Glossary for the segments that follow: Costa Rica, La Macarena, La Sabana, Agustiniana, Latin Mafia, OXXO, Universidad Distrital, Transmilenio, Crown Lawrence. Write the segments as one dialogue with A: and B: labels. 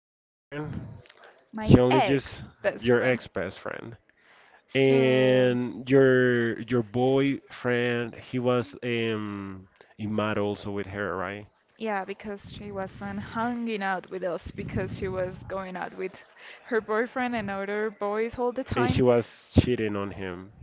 A: best friend.
B: my
A: She only
B: ex
A: just.
B: best
A: Your
B: friend.
A: ex best friend.
B: So,
A: And your boyfriend he was in mad also with her, right?
B: yeah, because she wasn't hanging out with us because she was going out with her boyfriend and other boys all the
A: And she
B: time.
A: was cheating on him.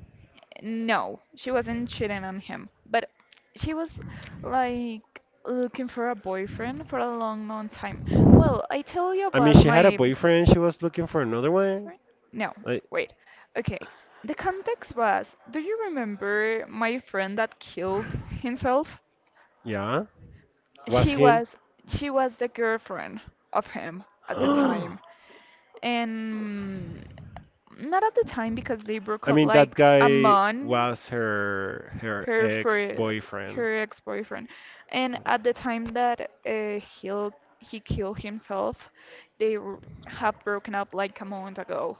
B: No, she wasn't cheating on him, but she was like looking for a boyfriend for a long, long time. Well, I tell you
A: I mean
B: about
A: she had a
B: my—
A: boyfriend, she was looking for another one.
B: No,
A: Like
B: wait. Okay. The context was, do you remember my friend that killed himself?
A: yeah. Was
B: She
A: him.
B: was she was the girlfriend of him at the
A: I
B: time. And not at the time because they broke up
A: mean that
B: like a
A: guy
B: month
A: was her
B: her for
A: ex boyfriend.
B: her ex-boyfriend. And at the time that he killed himself, they have broken up like a month ago.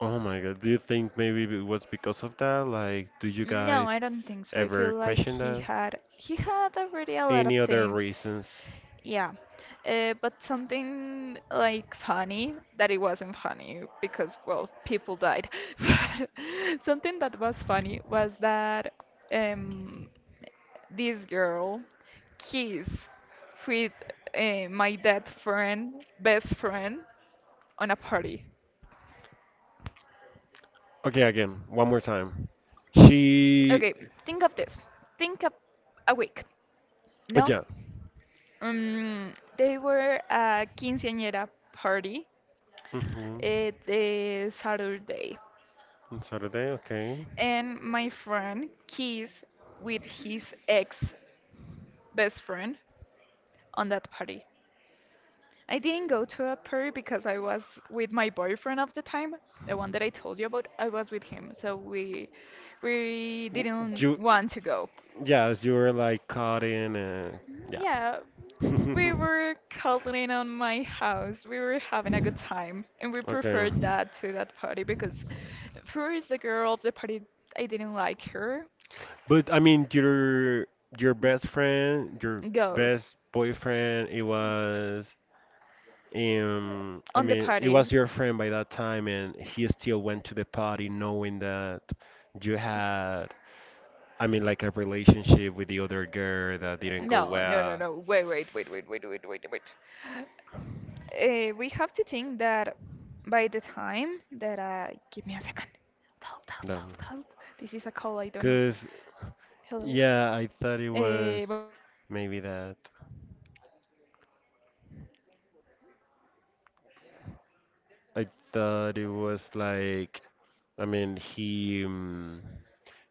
A: Oh my God, do you think maybe it was because of that? Like, do you
B: No,
A: guys
B: I don't think so. I feel
A: ever
B: like
A: question
B: he
A: that?
B: had he had already a lot
A: Any
B: of
A: other
B: things.
A: reasons?
B: Yeah. But something like funny that it wasn't funny because well, people died. But something that was funny was that um this girl kissed with my dead friend, best friend on a party.
A: Okay, again, one more time. She,
B: Okay, think of this. Think of a week. No?
A: yeah.
B: They were a quinceañera party
A: Hmm.
B: at the Saturday,
A: On Saturday, okay.
B: and my friend kissed with his ex best friend on that party. I didn't go to a party because I was with my boyfriend of the time, the one that I told you about. I was with him, so we
A: W-
B: didn't
A: You,
B: want to go.
A: yes, you were like caught in, yeah.
B: Yeah, we were cuddling on my house. We were having a good time, and we
A: Okay.
B: preferred that to that party because first the girl of the party, I didn't like her.
A: But I mean, your best friend, your
B: Go
A: best boyfriend, it was um I
B: on the
A: mean, it
B: party.
A: was your friend by that time and he still went to the party knowing that you had, I mean, like a relationship with the other girl that didn't go
B: No, no, no,
A: well.
B: no. Wait, wait, wait, wait, wait, wait, wait, wait. We have to think that by the time that I give me a second. Help, help,
A: No,
B: help, help. This is a call. I don't know.
A: because,
B: Hello.
A: yeah, I thought it was
B: Uh,
A: maybe that. I thought it was like, I mean, he um,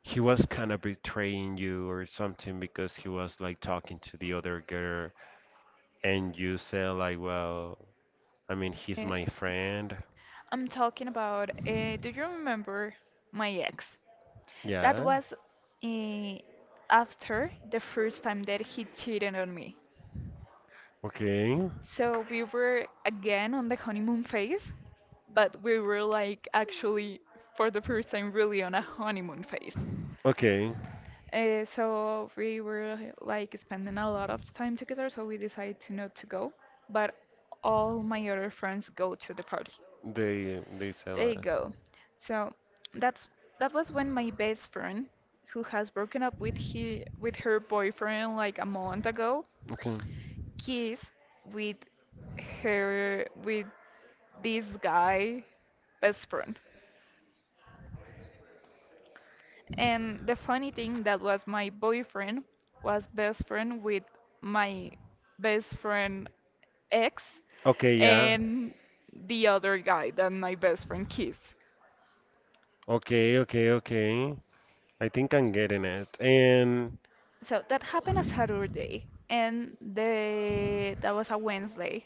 A: he was kind of betraying you or something because he was like talking to the other girl, and you said like, well, I mean, he's my friend.
B: I'm talking about. Do you remember my ex? That
A: Yeah.
B: was eh, after the first time that he cheated on me.
A: Okay.
B: So we were again on the honeymoon phase, but we were like actually for the first time really on a honeymoon phase.
A: Okay.
B: So we were like spending a lot of time together, so we decided to not to go, but all my other friends go to the party.
A: They said
B: There you
A: that.
B: go. So that's that was when my best friend, who has broken up with he with her boyfriend like a month ago,
A: Okay.
B: kissed with with this guy best friend. And the funny thing that was my boyfriend was best friend with my best friend ex
A: Okay. Yeah.
B: and the other guy that my best friend kissed.
A: Okay. Okay. Okay. I think I'm getting it. And
B: So that happened a Saturday, and the that was a Wednesday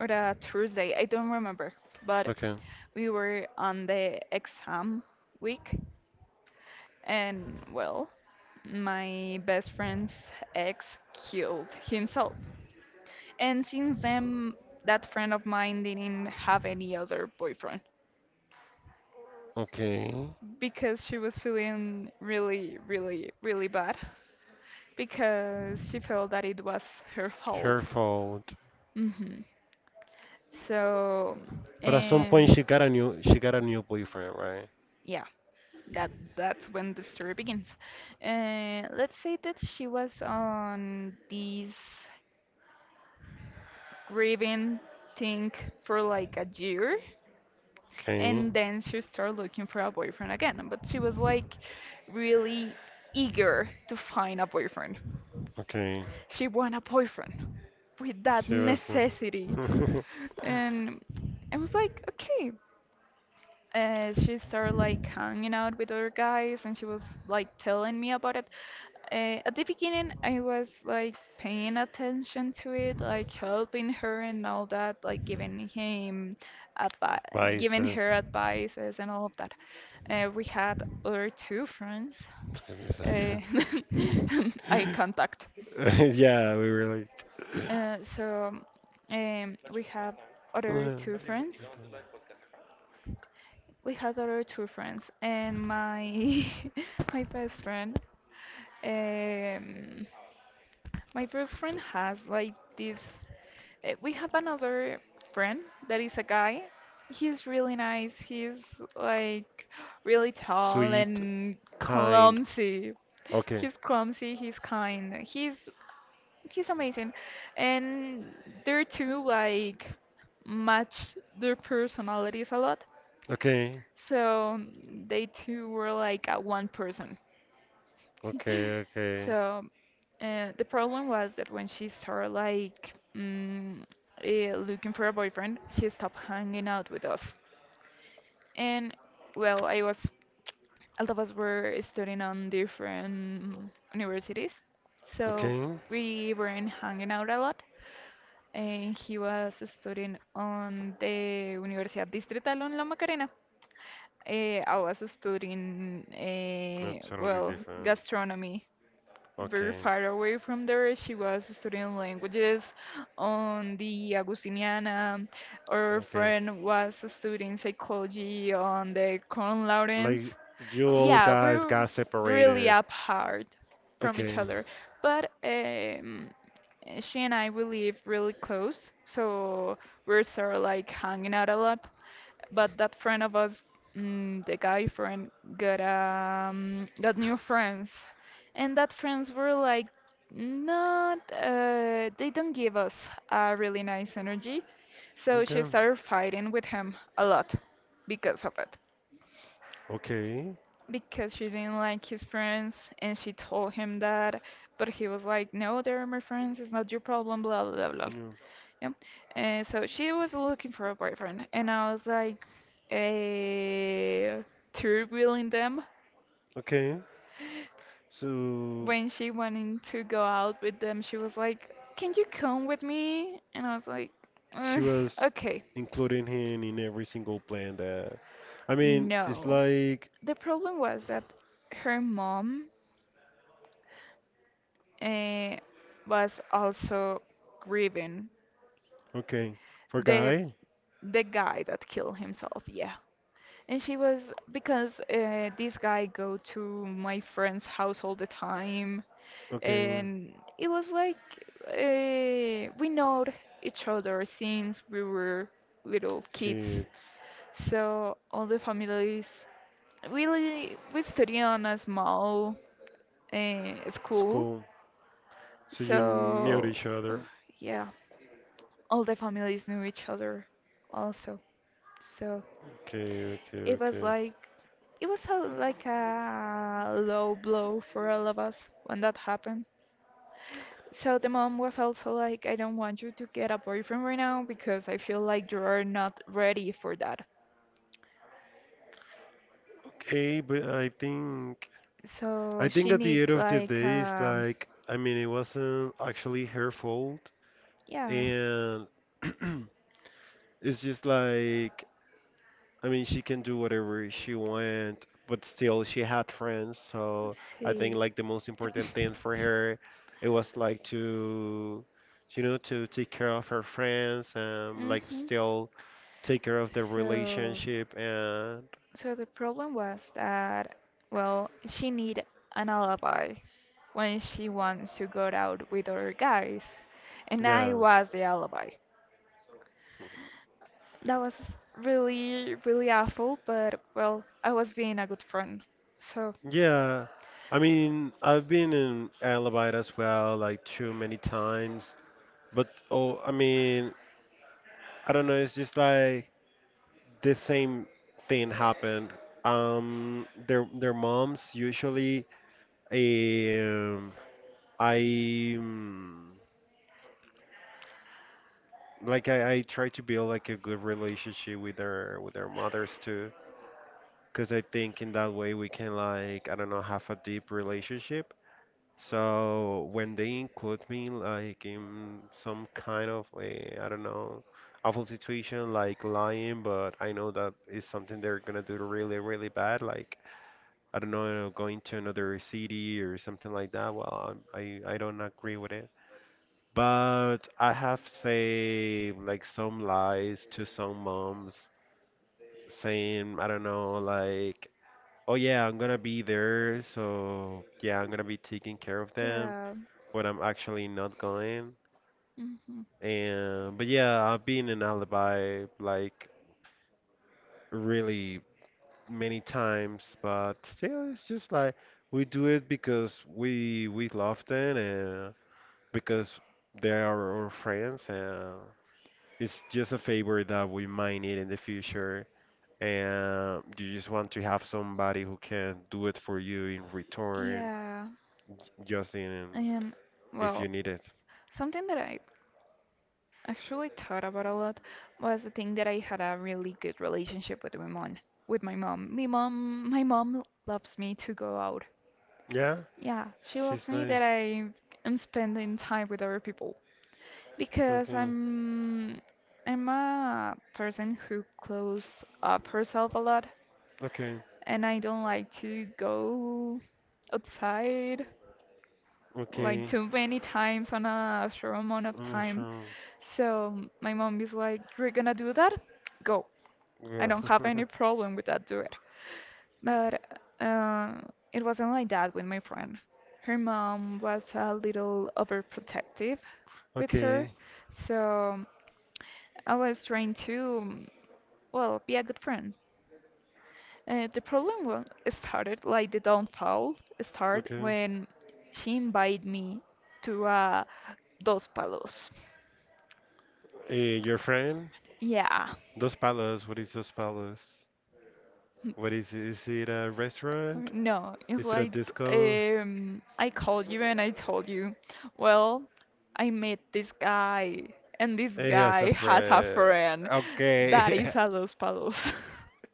B: or a Tuesday, I don't remember. But
A: okay.
B: we were on the exam week, and well, my best friend's ex killed himself. And since then, that friend of mine didn't have any other boyfriend
A: Okay,
B: because she was feeling really, really, really bad because she felt that it was her
A: her
B: fault.
A: fault.
B: hmm So,
A: But at some point
B: um,
A: she got a new boyfriend, right?
B: yeah, that that's when the story begins. Let's say that she was on this grieving thing for like a year,
A: Okay,
B: and then she started looking for a boyfriend again. But she was like really eager to find a boyfriend.
A: okay.
B: She want a boyfriend with that
A: She was
B: necessity, and I was like, okay, she started like hanging out with other guys and she was like telling me about it. At the beginning, I was like paying attention to it, like helping her and all that, like
A: bye
B: giving
A: sis.
B: her advices and all of that. We had other two friends,
A: Give me a
B: uh,
A: second.
B: eye contact.
A: Yeah, we were like
B: So we have other
A: "Uh,
B: two friends. We had other two friends, and my my best friend. Um, my first friend has like this. We have another friend that is a guy. He's really nice. He's like really tall
A: sweet,
B: and
A: kind.
B: clumsy.
A: Okay,
B: He's clumsy. He's kind. He's amazing. And their two like match their personalities a lot.
A: okay,
B: So they two were like a one person.
A: okay, okay,
B: So the problem was that when she started like looking for a boyfriend, she stopped hanging out with us. And well, I was all of us were studying on different universities, so
A: okay.
B: we weren't hanging out a lot. And he was studying on the Universidad Distrital on La Macarena. I was studying,
A: That's totally
B: well,
A: different.
B: gastronomy very
A: Okay.
B: far away from there. She was studying languages on the Agustiniana. Our
A: Okay.
B: friend was studying psychology on the Crown Lawrence.
A: Like you old
B: Yeah,
A: guys got
B: we're really
A: separated.
B: apart from each
A: Okay.
B: other, but she and I we live really close, so we are sort of like hanging out a lot. But that friend of us, the guy friend, got new friends, and that friends were like not they don't give us a really nice energy, so she
A: Okay.
B: started fighting with him a lot because of it.
A: Okay.
B: Because she didn't like his friends, and she told him that, but he was like, "No, they're my friends. It's not your problem. Blah blah blah, blah."
A: Yeah.
B: Yep. So she was looking for a boyfriend, and I was like, uh, through wheeling them.
A: Okay. So
B: When she wanted to go out with them, she was like, "Can you come with me?" And I was like,
A: she
B: "Ugh,
A: was
B: Okay,
A: including him in every single plan that, I mean, it's
B: no."
A: like
B: The problem was that her mom uh, was also grieving
A: okay, for
B: the
A: guy,
B: the guy that killed himself. Yeah. And she was because this guy go to my friend's house all the time,
A: okay,
B: and it was like we know each other since we were little kids.
A: kids,
B: So all the families really we study on a small school.
A: school. So you knew
B: So
A: each
B: uh,
A: other.
B: yeah, all the families knew each other also. So
A: Okay, okay,
B: it was
A: okay.
B: like it was a, like a low blow for all of us when that happened. So the mom was also like, I don't want you to get a boyfriend right now because I feel like you are not ready for that.
A: Okay, but I think
B: So she
A: at the
B: need
A: end of the
B: like
A: day, it's like, I mean, it wasn't actually her fault,
B: yeah,
A: and it's just like, I mean, she can do whatever she want, but still she had friends,
B: let's
A: so I
B: see.
A: think like the most important thing for her, it was like to to take care of her friends and like
B: Mhm.
A: still take care of the
B: So
A: relationship and
B: The problem was that, well, she need an alibi when she wants to go out with other guys, and I
A: yeah.
B: was the alibi. That was really, really awful, but well, I was being a good friend. So,
A: Yeah, I mean, I've been in Alabite as well, like too many times. But oh, I mean, I don't know. It's just like the same thing happened. Their moms usually, um, I like, I try to build like a good relationship with their mothers too, because I think in that way we can, like, I don't know, have a deep relationship. So when they include me like in some kind of a, I don't know, awful situation like lying, but I know that is something they're gonna do really, really bad, like, I don't know, going to another city or something like that. Well, I don't agree with it. But I have say like some lies to some moms saying, I don't know, like, oh yeah, I'm gonna be there, so yeah, I'm gonna be taking care of them
B: yeah.
A: but I'm actually not going.
B: Hmm.
A: And but yeah, I've been in Alibi like really many times, but still, it's just like we do it because we love them and because they are our friends, and it's just a favor that we might need in the future. And you just want to have somebody who can do it for you in return,
B: Yeah.
A: just in
B: And
A: if you
B: well,
A: need it.
B: something that I actually thought about a lot was the thing that I had a really good relationship with my mom. With my mom, my mom, my mom loves me to go out.
A: Yeah,
B: Yeah, she
A: she's
B: loves me
A: like,
B: that I am spending time with other people because
A: okay,
B: I'm a person who closes up herself a lot,
A: okay.
B: and I don't like to go outside, like
A: Okay.
B: too many times on a short amount of
A: Mm,
B: time.
A: sure.
B: So my mom is like, You're gonna do that? Go. I
A: Yeah.
B: don't have any problem with that, do it. But uh, it wasn't like that with my friend. Her mom was a little overprotective with her,
A: Okay.
B: so I was trying to, well, be a good friend. The problem started, like the downfall, started
A: Okay.
B: when she invited me to Dos Palos.
A: Your friend?
B: Yeah.
A: Dos Palos. What is Dos Palos? What is it? Is it a
B: Or
A: restaurant?
B: No, it's
A: Is it a
B: like
A: disco?
B: I called you and I told you, well, I met this guy, and this
A: He has a
B: guy has a
A: friend.
B: friend that
A: Okay.
B: is a Los Palos.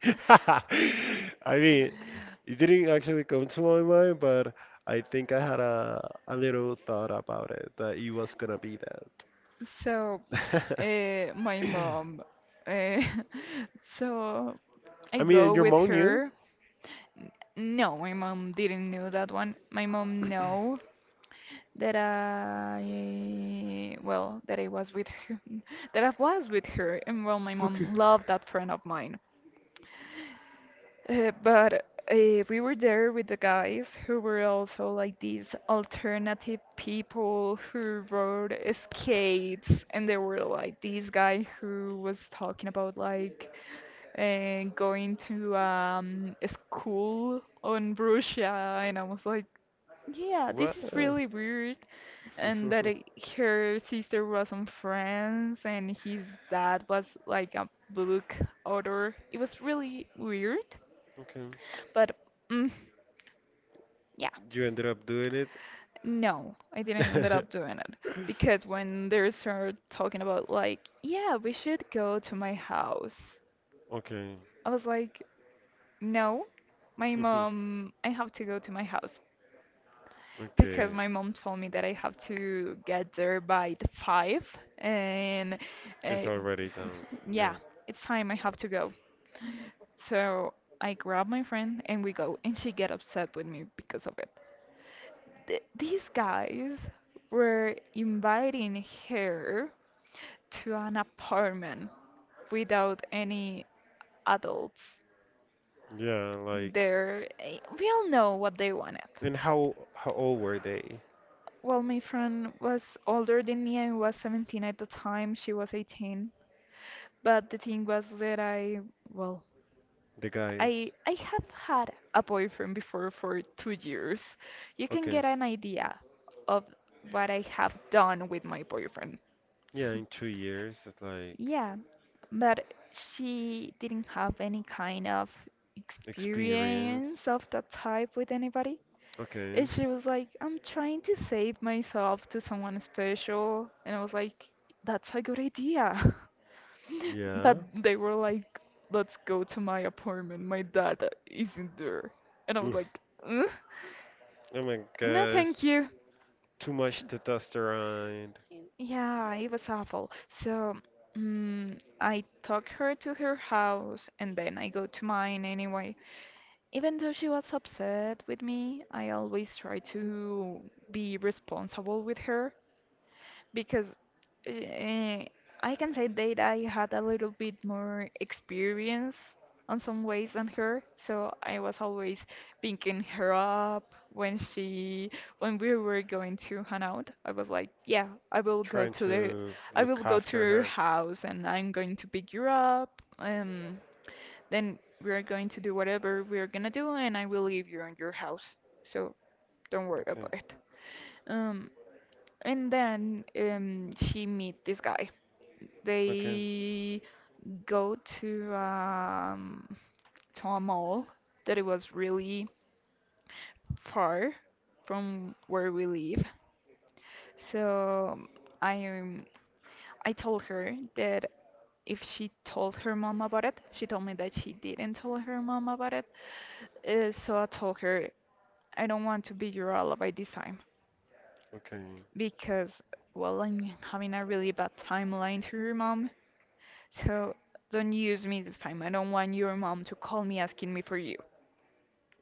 A: I mean, it didn't actually come to my mind, but I think I had a little thought about it that it was gonna be
B: So
A: that.
B: my mom. Uh, so I
A: I
B: go
A: mean, your
B: with
A: mom knew.
B: her. No, my mom didn't know that one. My mom know that I well, that I was with her, that I was with her, and well, my
A: Okay.
B: mom loved that friend of mine. But we were there with the guys who were also like these alternative people who rode skates, and there were like this guy who was talking about like and going to a school on Russia, and I was like, yeah, this
A: What?
B: is really weird. And her sister was from France, and his dad was like a book author. It was really weird,
A: Okay.
B: but mm, yeah,
A: You ended up doing it?
B: no, I didn't end up doing it because when they started talking about like, yeah, we should go to my house,
A: Okay.
B: I was like, No, my mom, I have to go to my house because
A: Okay.
B: my mom told me that I have to get there by the five, and uh,
A: It's already done. Yeah.
B: yeah, it's time I have to go. So I grab my friend and we go, and she get upset with me because of it. Th These guys were inviting her to an apartment without any adults
A: Yeah, like,
B: there. We all know what they wanted.
A: and how old were they?
B: Well, my friend was older than me. I was 17 at the time. She was 18. But the thing was that I, well,
A: The guys.
B: I I have had a boyfriend before for 2 years. You can
A: Okay.
B: get an idea of what I have done with my boyfriend.
A: Yeah, in 2 years, it's like
B: Yeah, but she didn't have any kind of
A: experience.
B: experience of that type with anybody.
A: Okay.
B: And she was like, I'm trying to save myself to someone special. And I was like, "That's a good idea."
A: Yeah.
B: But they were like, "Let's go to my apartment. My dad isn't there." And I was
A: Mm.
B: like, "Ugh,
A: Oh my
B: no,
A: gosh.
B: thank you."
A: Too much testosterone.
B: Yeah, it was awful. So, I took her to her house and then I go to mine anyway. Even though she was upset with me, I always try to be responsible with her, because uh, I can say that I had a little bit more experience on some ways than her, so I was always picking her up when she when we were going to hang out. I was like, "Yeah, I will go
A: Trying
B: to
A: to look after
B: your
A: her.
B: house and I'm going to pick you up. Then we are going to do whatever we are gonna do, and I will leave you in your house. So don't worry
A: Okay.
B: about it." Um, and then she meet this guy.
A: Okay.
B: They go to a mall that it was really far from where we live. So I um, I told her that if she told her mom about it. She told me that she didn't tell her mom about it. So I told her, "I don't want to be your alibi this time,
A: Okay.
B: because well, I'm having a really bad timeline to her mom. So don't use me this time. I don't want your mom to call me asking me for you.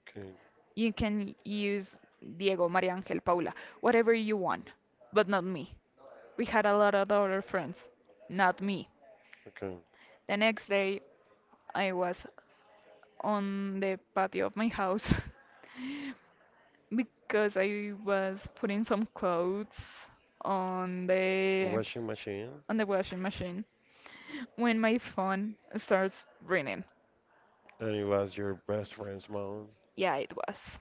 A: Okay.
B: You can use Diego, Maria Angel, Paula, whatever you want, but not me. We had a lot of other friends, not me."
A: Okay.
B: The next day, I was on the patio of my house because I was putting some clothes on
A: Washing machine.
B: the washing machine when my phone starts ringing.
A: And it was your best friend's mom.
B: Yeah, it was.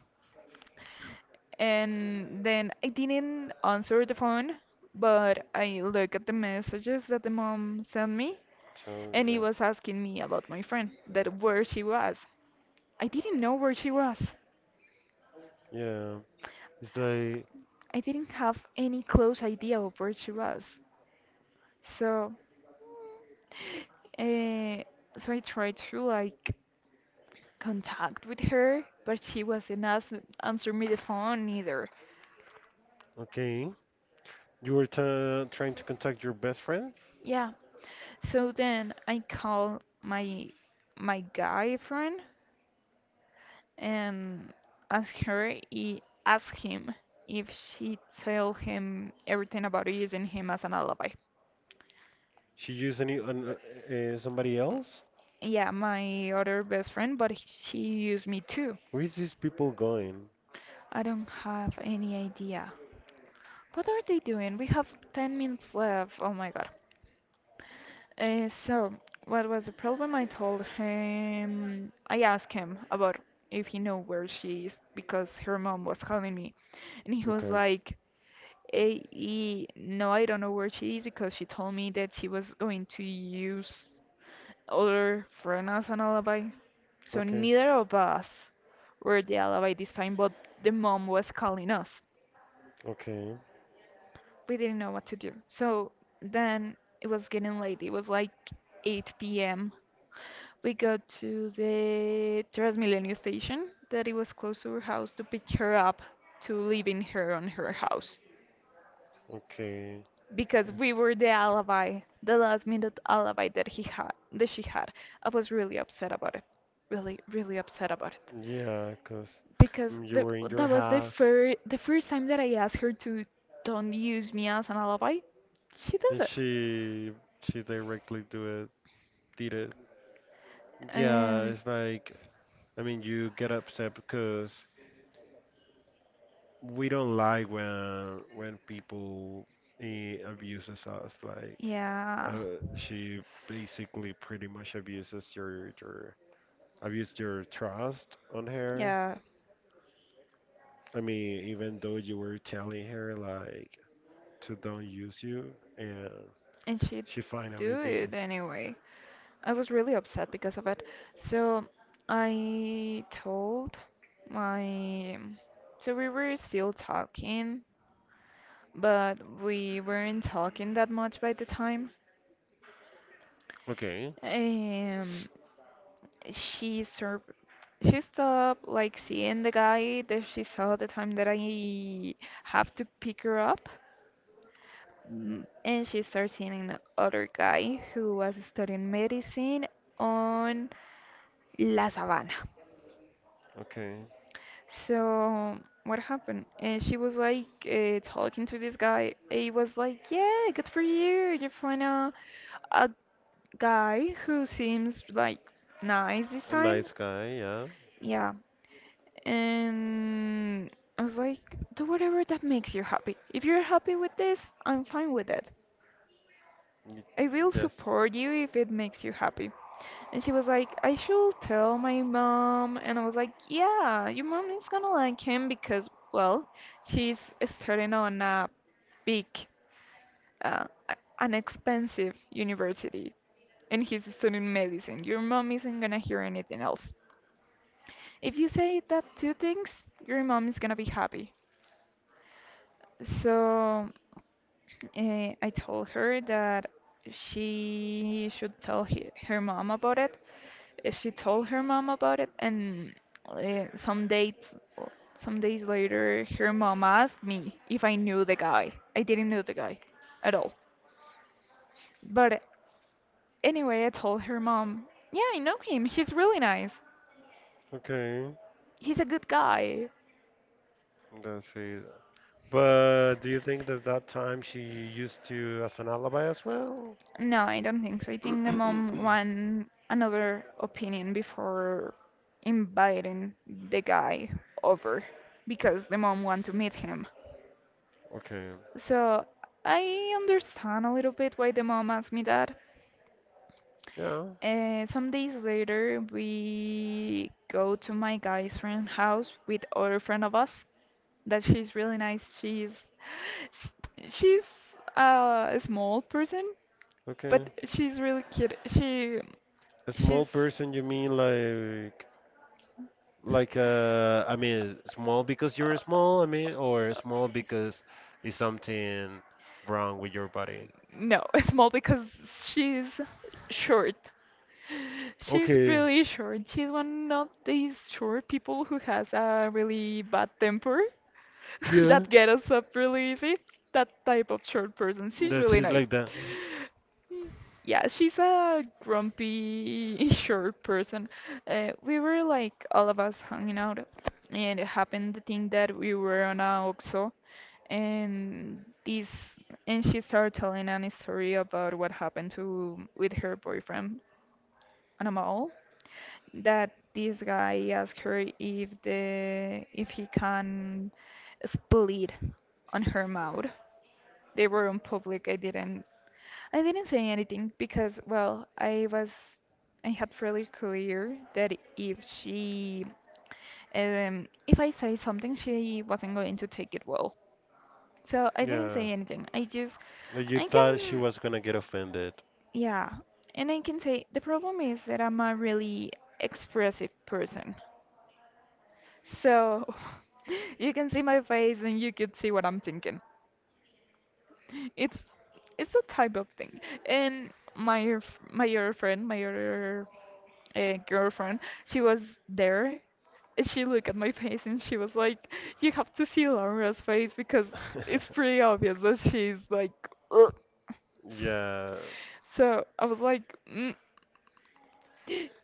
B: And then I didn't answer the phone, but I looked at the messages that the mom sent me,
A: So
B: and
A: yeah,
B: he was asking me about my friend, that where she was. I didn't know where she was.
A: yeah. It's like
B: I didn't have any close idea of where she was. So, uh, so I tried to like contact with her, but she wasn't answer me the phone either.
A: okay, you were trying to contact your best friend.
B: Yeah, so then I call my guy friend and ask him if she tell him everything about using him as an alibi.
A: She used somebody else.
B: Yeah, my other best friend, but she used me too.
A: Where is these people going?
B: I don't have any idea. What are they doing? We have 10 minutes left. Oh my god. Uh, so, what was the problem? I told him, I asked him about if he knew where she is because her mom was calling me. And he was
A: Okay,
B: like, "Eh, no, I don't know where she is because she told me that she was going to use other friend as an alibi." So,
A: okay,
B: neither of us were the alibi this time, but the mom was calling us.
A: okay,
B: We didn't know what to do. So, then it was getting late. It was like 8 p.m. We got to the Transmilenio station that it was close to her house to pick her up, to leaving her on her house,
A: okay.
B: because we were the alibi, the last minute alibi that she had. I was really upset about it, really, really upset about it,
A: Yeah, 'cause
B: because
A: you were in your
B: that was the
A: house
B: first the first time that I asked her to don't use me as an alibi. She does
A: and
B: it.
A: she directly do it, did it. Yeah,
B: Um,
A: it's like, I mean, you get upset because we don't like when people abuses us. Like,
B: Yeah,
A: she basically pretty much abuses your abused your trust on her.
B: yeah,
A: I mean, even though you were telling her like to don't use you, and
B: and she
A: she finally
B: do it
A: did.
B: anyway. I was really upset because of it. So I told my. So we were still talking, but we weren't talking that much by the time.
A: Okay,
B: Um, she sur she stopped like seeing the guy that she saw the time that I have to pick her up. Mm, and she started seeing an other guy who was studying medicine on La Sabana.
A: okay,
B: So what happened? And she was like, talking to this guy. He was like, "Yeah, good for you. You find a guy who seems like nice this
A: a
B: time."
A: nice guy, yeah,
B: Yeah. And I was like, "Do whatever that makes you happy. If you're happy with this, I'm fine with it.
A: Y-
B: I will
A: yes,
B: support you if it makes you happy." And she was like, "I should tell my mom." And I was like, "Yeah, your mom is gonna like him because, well, she's studying on a big, an expensive university. And he's studying medicine. Your mom isn't gonna hear anything else. If you say that two things, your mom is gonna be happy." So I told her that she should tell her mom about it. She told her mom about it, and uh, some dates, some days later, her mom asked me if I knew the guy. I didn't know the guy at all. But anyway, I told her mom, "Yeah, I know him. He's really nice.
A: okay,
B: He's a good guy."
A: that's it. But do you think that that time she used you as an alibi as well?
B: No, I don't think so. I think the mom want another opinion before inviting the guy over, because the mom want to meet him.
A: Okay.
B: So I understand a little bit why the mom asked me that.
A: Yeah.
B: Some days later, we go to my guy's friend house with other friend of us. That she's really nice. She's she's a small person,
A: Okay.
B: but she's really cute. She
A: A small
B: she's
A: person, you mean like, I mean, small because you're small, I mean, or small because is something wrong with your body.
B: no, small because she's short. She's
A: Okay.
B: really short. She's one of these short people who has a really bad temper.
A: Yeah.
B: That get us up really easy. That type of short person. She's
A: That
B: really
A: she's
B: nice.
A: like that.
B: Y- Yeah, she's a grumpy, short person. We were like all of us hanging out, and it happened the thing that we were on a OXXO, and this, and she started telling an story about what happened to with her boyfriend on a mall, that this guy asked her if the if he can split on her mouth. They were in public. I didn't say anything because well I had really clear that if I say something she wasn't going to take it well. So I didn't
A: Yeah.
B: say anything. I just
A: Like you
B: I
A: thought she
B: can
A: was gonna get offended.
B: yeah. And I can say the problem is that I'm a really expressive person. So you can see my face and you could see what I'm thinking. It's it's a type of thing. And my other friend, my other girlfriend, she was there, and she looked at my face and she was like, "You have to see Laura's face because it's pretty obvious that she's like." "Ugh."
A: Yeah.
B: So I was like, "Mm,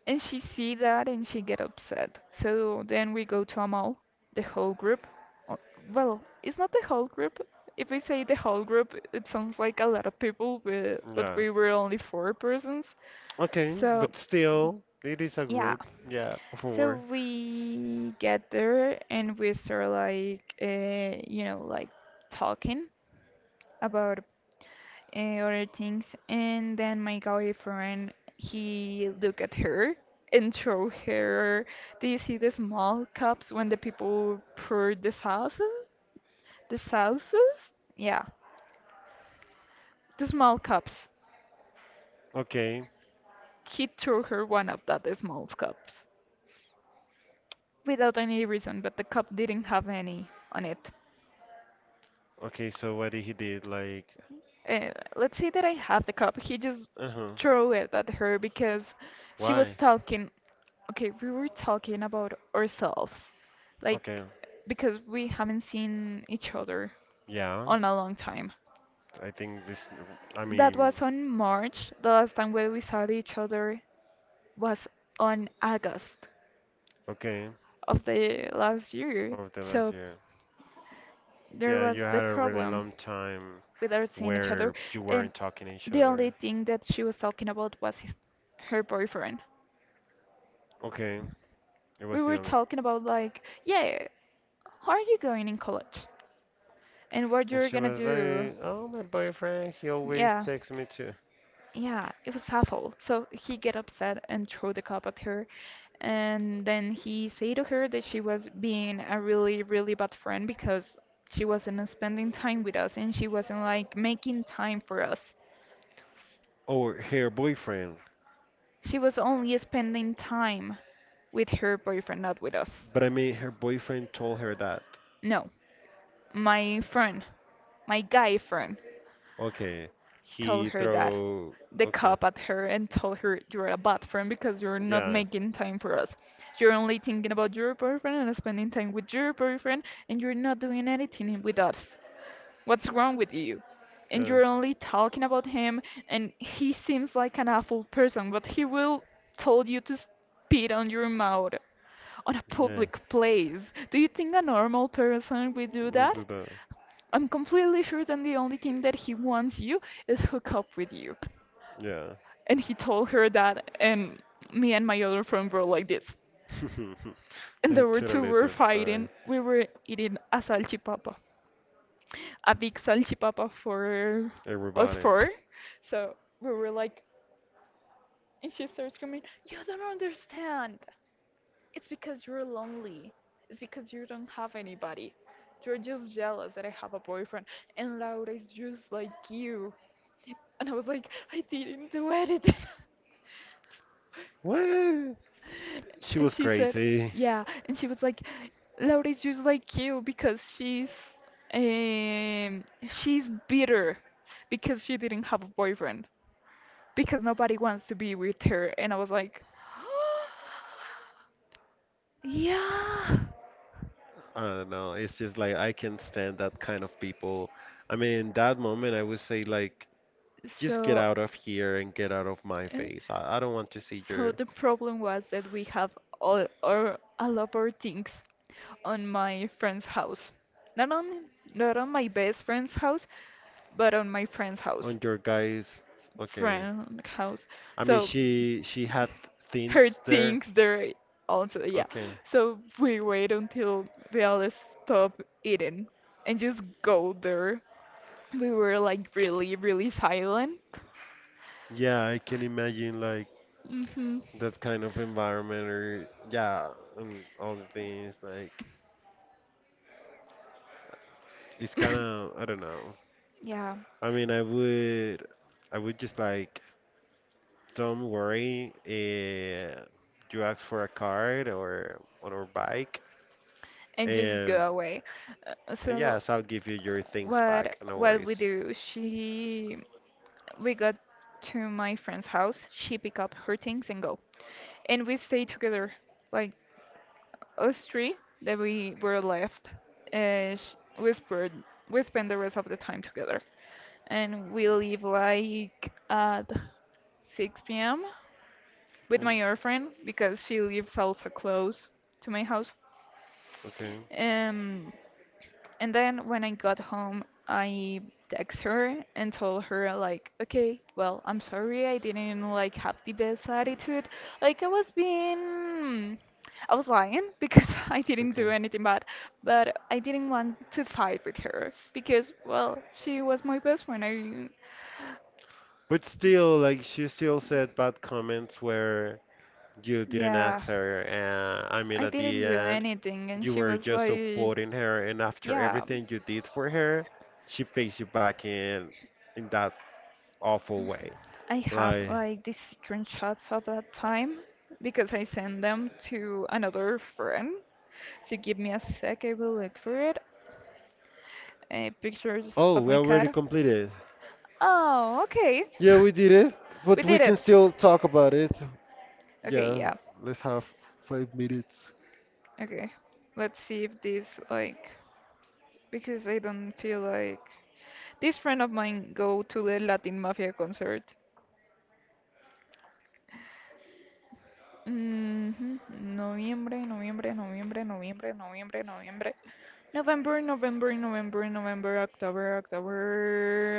B: and she see that and she get upset." So then we go to a mall, the whole group. Uh, Well, it's not the whole group. If we say the whole group, it sounds like a lot of people, but
A: Yeah.
B: we were only four persons.
A: Okay,
B: So,
A: but still it is a
B: yeah.
A: group. Yeah,
B: So
A: for.
B: we get there and we start like, you know, like talking about other things. And then my guy he looked at her and showed her. Do you see the small cups when the people pour the salsa? The salsas? Yeah, the small cups.
A: Okay.
B: He threw her one of that small cups without any reason, but the cup didn't have any on it.
A: Okay, so what did he did? Like,
B: Let's say that I have the cup. He just
A: uh-huh.
B: threw it at her because she was
A: Why?
B: talking. Okay, we were talking about ourselves,
A: Okay.
B: like, because we haven't seen each other
A: Yeah.
B: on a long time.
A: I think this, I
B: That
A: mean,
B: was on March. The last time when we saw each other was on August
A: okay,
B: of the last year.
A: over the last
B: So,
A: year.
B: there
A: Yeah,
B: was
A: you
B: the
A: had a really
B: problem
A: long time
B: without seeing each other,
A: where you
B: and
A: weren't talking to each
B: the only
A: other.
B: thing that she was talking about was her boyfriend.
A: Okay, it
B: We
A: was the
B: were
A: only.
B: talking about like, yeah, how are you going in college, and what
A: And
B: you're
A: she
B: gonna
A: was
B: do.
A: like, "Oh, my boyfriend, he always
B: Yeah,
A: texts me too."
B: yeah, it was awful. So he get upset and throw the cup at her, and then he say to her that she was being a really, really bad friend because she wasn't spending time with us and she wasn't like making time for us.
A: Or her boyfriend.
B: She was only spending time with her boyfriend, not with us.
A: But I mean, her boyfriend told her that.
B: No, my friend, my guy friend.
A: Okay,
B: Told
A: he
B: her that
A: throw.
B: the
A: Okay,
B: cop at her and told her, "You're a bad friend because you're not
A: yeah,
B: making time for us. You're only thinking about your boyfriend and spending time with your boyfriend and you're not doing anything with us. What's wrong with you? And
A: yeah,
B: you're only talking about him, and he seems like an awful person, but he will told you to spit on your mouth on a
A: yeah.
B: public place. Do you think a normal person would do
A: We'll
B: that?
A: do that.
B: I'm completely sure that the only thing that he wants you is hook up with you."
A: Yeah.
B: And he told her that, and me and my other friend were like this. And
A: I'm
B: there were two
A: totally
B: were fighting.
A: surprised.
B: We were eating a salchipapa, a big salchipapa for us
A: Everybody.
B: four. So we were like, and she starts screaming, "You don't understand! It's because you're lonely. It's because you don't have anybody. You're just jealous that I have a boyfriend. And Laura is just like you. And I was like, I didn't do it.
A: What? She
B: And
A: was
B: she said,
A: crazy.
B: yeah. And she was like, Laura is just like you because um she's bitter because she didn't have a boyfriend because nobody wants to be with her. And I was like, yeah.
A: I don't know. It's just like I can't stand that kind of people. I mean, that moment I would say like, just get
B: So
A: out of here and get out of my
B: Uh,
A: face. I don't want to see
B: So
A: your
B: the problem was that we have all of our things on my friend's house. Not on not on my best friend's house, but on my friend's house.
A: on your guys. Okay.
B: Friend house.
A: I mean,
B: So
A: she had
B: her
A: things there.
B: things there also, yeah.
A: Okay.
B: So we wait until we all stop eating and just go there. We were like really, really silent.
A: Yeah, I can imagine like
B: hmm
A: that kind of environment or yeah and all the things like it's kind of I don't know,
B: Yeah.
A: I mean, I would just like, don't worry, you ask for a card or a bike
B: And just
A: and,
B: go away. Uh, So
A: yes, I'll give you your things
B: what
A: back, no
B: what we
A: worries.
B: do? She we got to my friend's house. She pick up her things and go, and we stay together, like us three that we were left. Sh we spent We spend the rest of the time together, and we leave like at 6 p.m. with my
A: Okay,
B: other friend because she lives also close to my house.
A: okay,
B: Um And then when I got home, I text her and told her like, okay, well, I'm sorry I didn't like have the best attitude. Like I was being, I was lying because I didn't do
A: okay,
B: anything bad, but I didn't want to fight with her because, well, she was my best friend. I,
A: but still like she still said bad comments where you didn't
B: yeah,
A: ask her and I mean
B: I
A: at
B: didn't
A: the
B: do
A: end.
B: anything, and
A: You
B: she
A: were
B: was
A: just
B: like,
A: supporting her, and after
B: yeah,
A: everything you did for her, she pays you back in that awful way.
B: I have
A: Like,
B: like these screenshots of that time because I sent them to another friend. So give me a sec, I will look for it. Pictures
A: oh,
B: of
A: we
B: my
A: already
B: cat.
A: completed.
B: Oh, okay.
A: Yeah, we did it,
B: We
A: but we
B: did
A: can
B: it.
A: still talk about it.
B: Okay,
A: Yeah,
B: yeah.
A: let's have 5 minutes.
B: Okay. Let's see if this like because I don't feel like this friend of mine go to the Latin Mafia concert. Mhm. Noviembre, noviembre, noviembre, noviembre, noviembre, noviembre. November, November, November, November, October, October,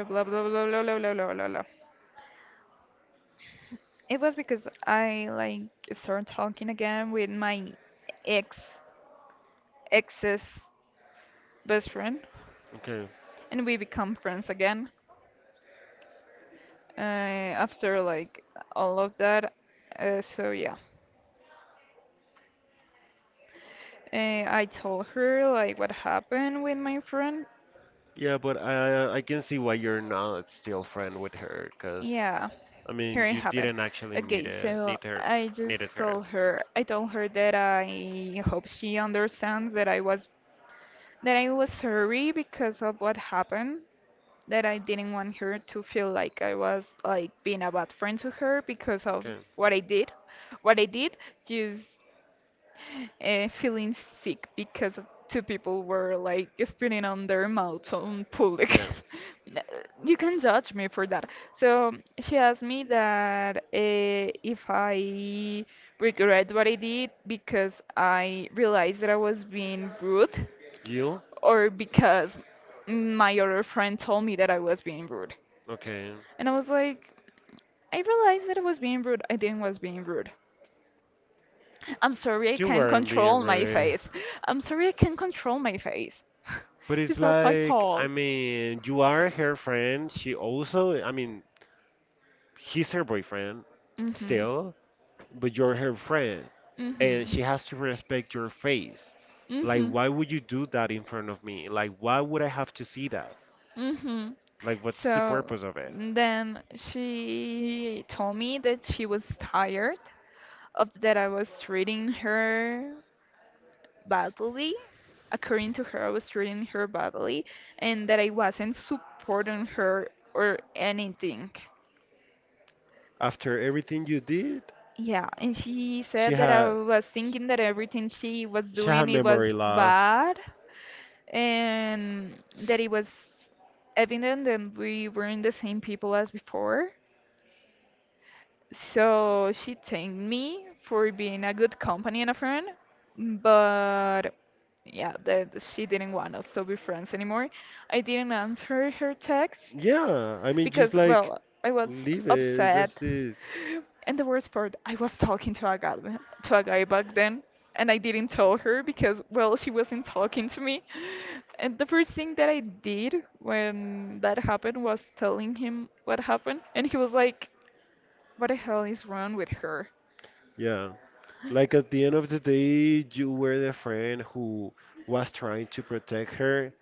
B: blah, blah, blah, blah, blah, blah, blah, blah, blah. It was because I like started talking again with my ex, ex's best friend,
A: Okay.
B: and we become friends again uh, after like all of that. So yeah, I told her like what happened with my friend.
A: Yeah, but I can see why you're not still friend with her, because
B: Yeah,
A: I
B: here
A: mean
B: I
A: you
B: have it.
A: didn't actually need
B: Okay,
A: it,
B: so
A: need her, needed her.
B: I told her that I hope she understands that I was sorry because of what happened, that I didn't want her to feel like I was like being a bad friend to her because of
A: Okay.
B: what I did, what I did. Just feeling sick because two people were like spitting on their mouths on public.
A: Yeah.
B: N- You can judge me for that. So she asked me that if I regret what I did because I realized that I was being rude
A: You?
B: or because my other friend told me that I was being rude.
A: Okay.
B: And I was like, I realized that I was being rude. I didn't was being rude. I'm sorry I
A: You
B: can't
A: weren't being
B: control my
A: rude.
B: face. I'm sorry I can't control my face.
A: But it's
B: It's not my
A: like,
B: fault.
A: I mean, you are her friend. She also, I mean, he's her boyfriend
B: Mm-hmm.
A: still, but you're her friend. And
B: Mm-hmm.
A: she has to respect your face. Like,
B: Mm-hmm.
A: why would you do that in front of me? Like, why would I have to see that?
B: Mm-hmm.
A: Like, what's the
B: So
A: purpose of it?
B: then she told me that she was tired of that I was treating her badly, according to her, I was treating her badly, and that I wasn't supporting her or anything.
A: After everything you did,
B: Yeah, and she
A: she
B: said that I
A: had
B: was thinking that everything she was
A: she had
B: doing it
A: memory
B: was
A: loss.
B: bad and that it was evident that we weren't the same people as before. So she thanked me for being a good company and a friend, but yeah, that she didn't want us to be friends anymore. I didn't answer her text
A: Yeah, I mean, just
B: because,
A: like
B: well, I was
A: leave it. That's
B: upset.
A: it.
B: And the worst part, I was talking to a guy back then, and I didn't tell her because, well, she wasn't talking to me. And the first thing that I did when that happened was telling him what happened, and he was like, what the hell is wrong with her?
A: Yeah. Like at the end of the day, you were the friend who was trying to protect her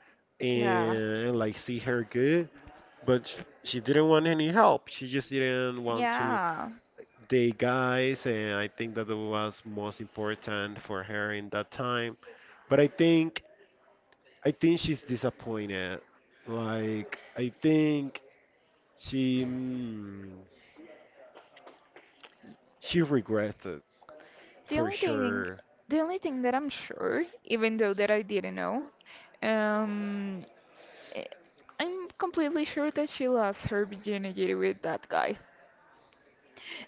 B: Yeah.
A: and like see her good, but she didn't want any help. She just didn't want to
B: Yeah.
A: date guys, and I think that was most important for her in that time. But I think she's disappointed. Like I think she mm, she regrets it
B: The
A: for
B: only thing,
A: sure.
B: the only thing that I'm sure, even though that I didn't know, um, eh, I'm completely sure that she lost her virginity with that guy,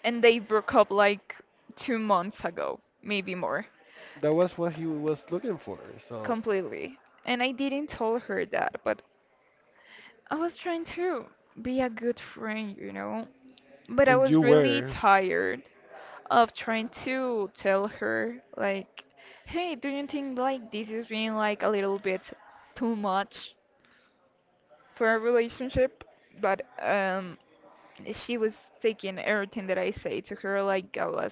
B: and they broke up like 2 months ago, maybe more,
A: That was what he was looking for. So,
B: completely. And I didn't tell her that, but I was trying to be a good friend, you know. But I
A: and
B: was
A: you
B: really
A: were.
B: tired of trying to tell her, like, hey, do you think like this is being like a little bit too much for a relationship? But she was taking everything that I say to her like I was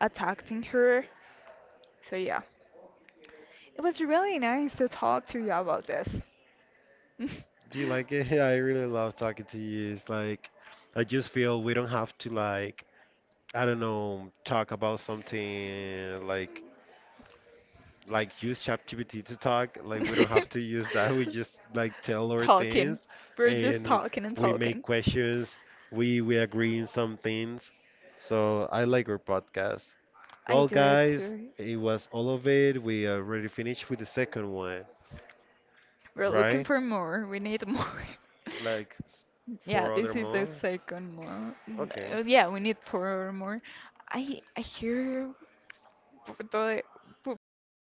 B: attacking her. So yeah, it was really nice to talk to you about this.
A: Do you like it? I really love talking to you. It's like I just feel we don't have to like, I don't know, talk about something like use ChatGPT to talk. Like, we don't have to use that. We just like tell our
B: Talking.
A: things
B: We're just
A: and
B: talking and
A: we make
B: talking.
A: questions. We agree in some things. So I like our podcast.
B: I
A: Well,
B: do it
A: guys,
B: too.
A: it was all of it. We already finished with the second one,
B: We're looking
A: right?
B: for more. We need more.
A: Like
B: Yeah,
A: four other
B: this is the
A: more?
B: second one.
A: Okay.
B: Yeah, we need four more. I hear Puerto de, Pu-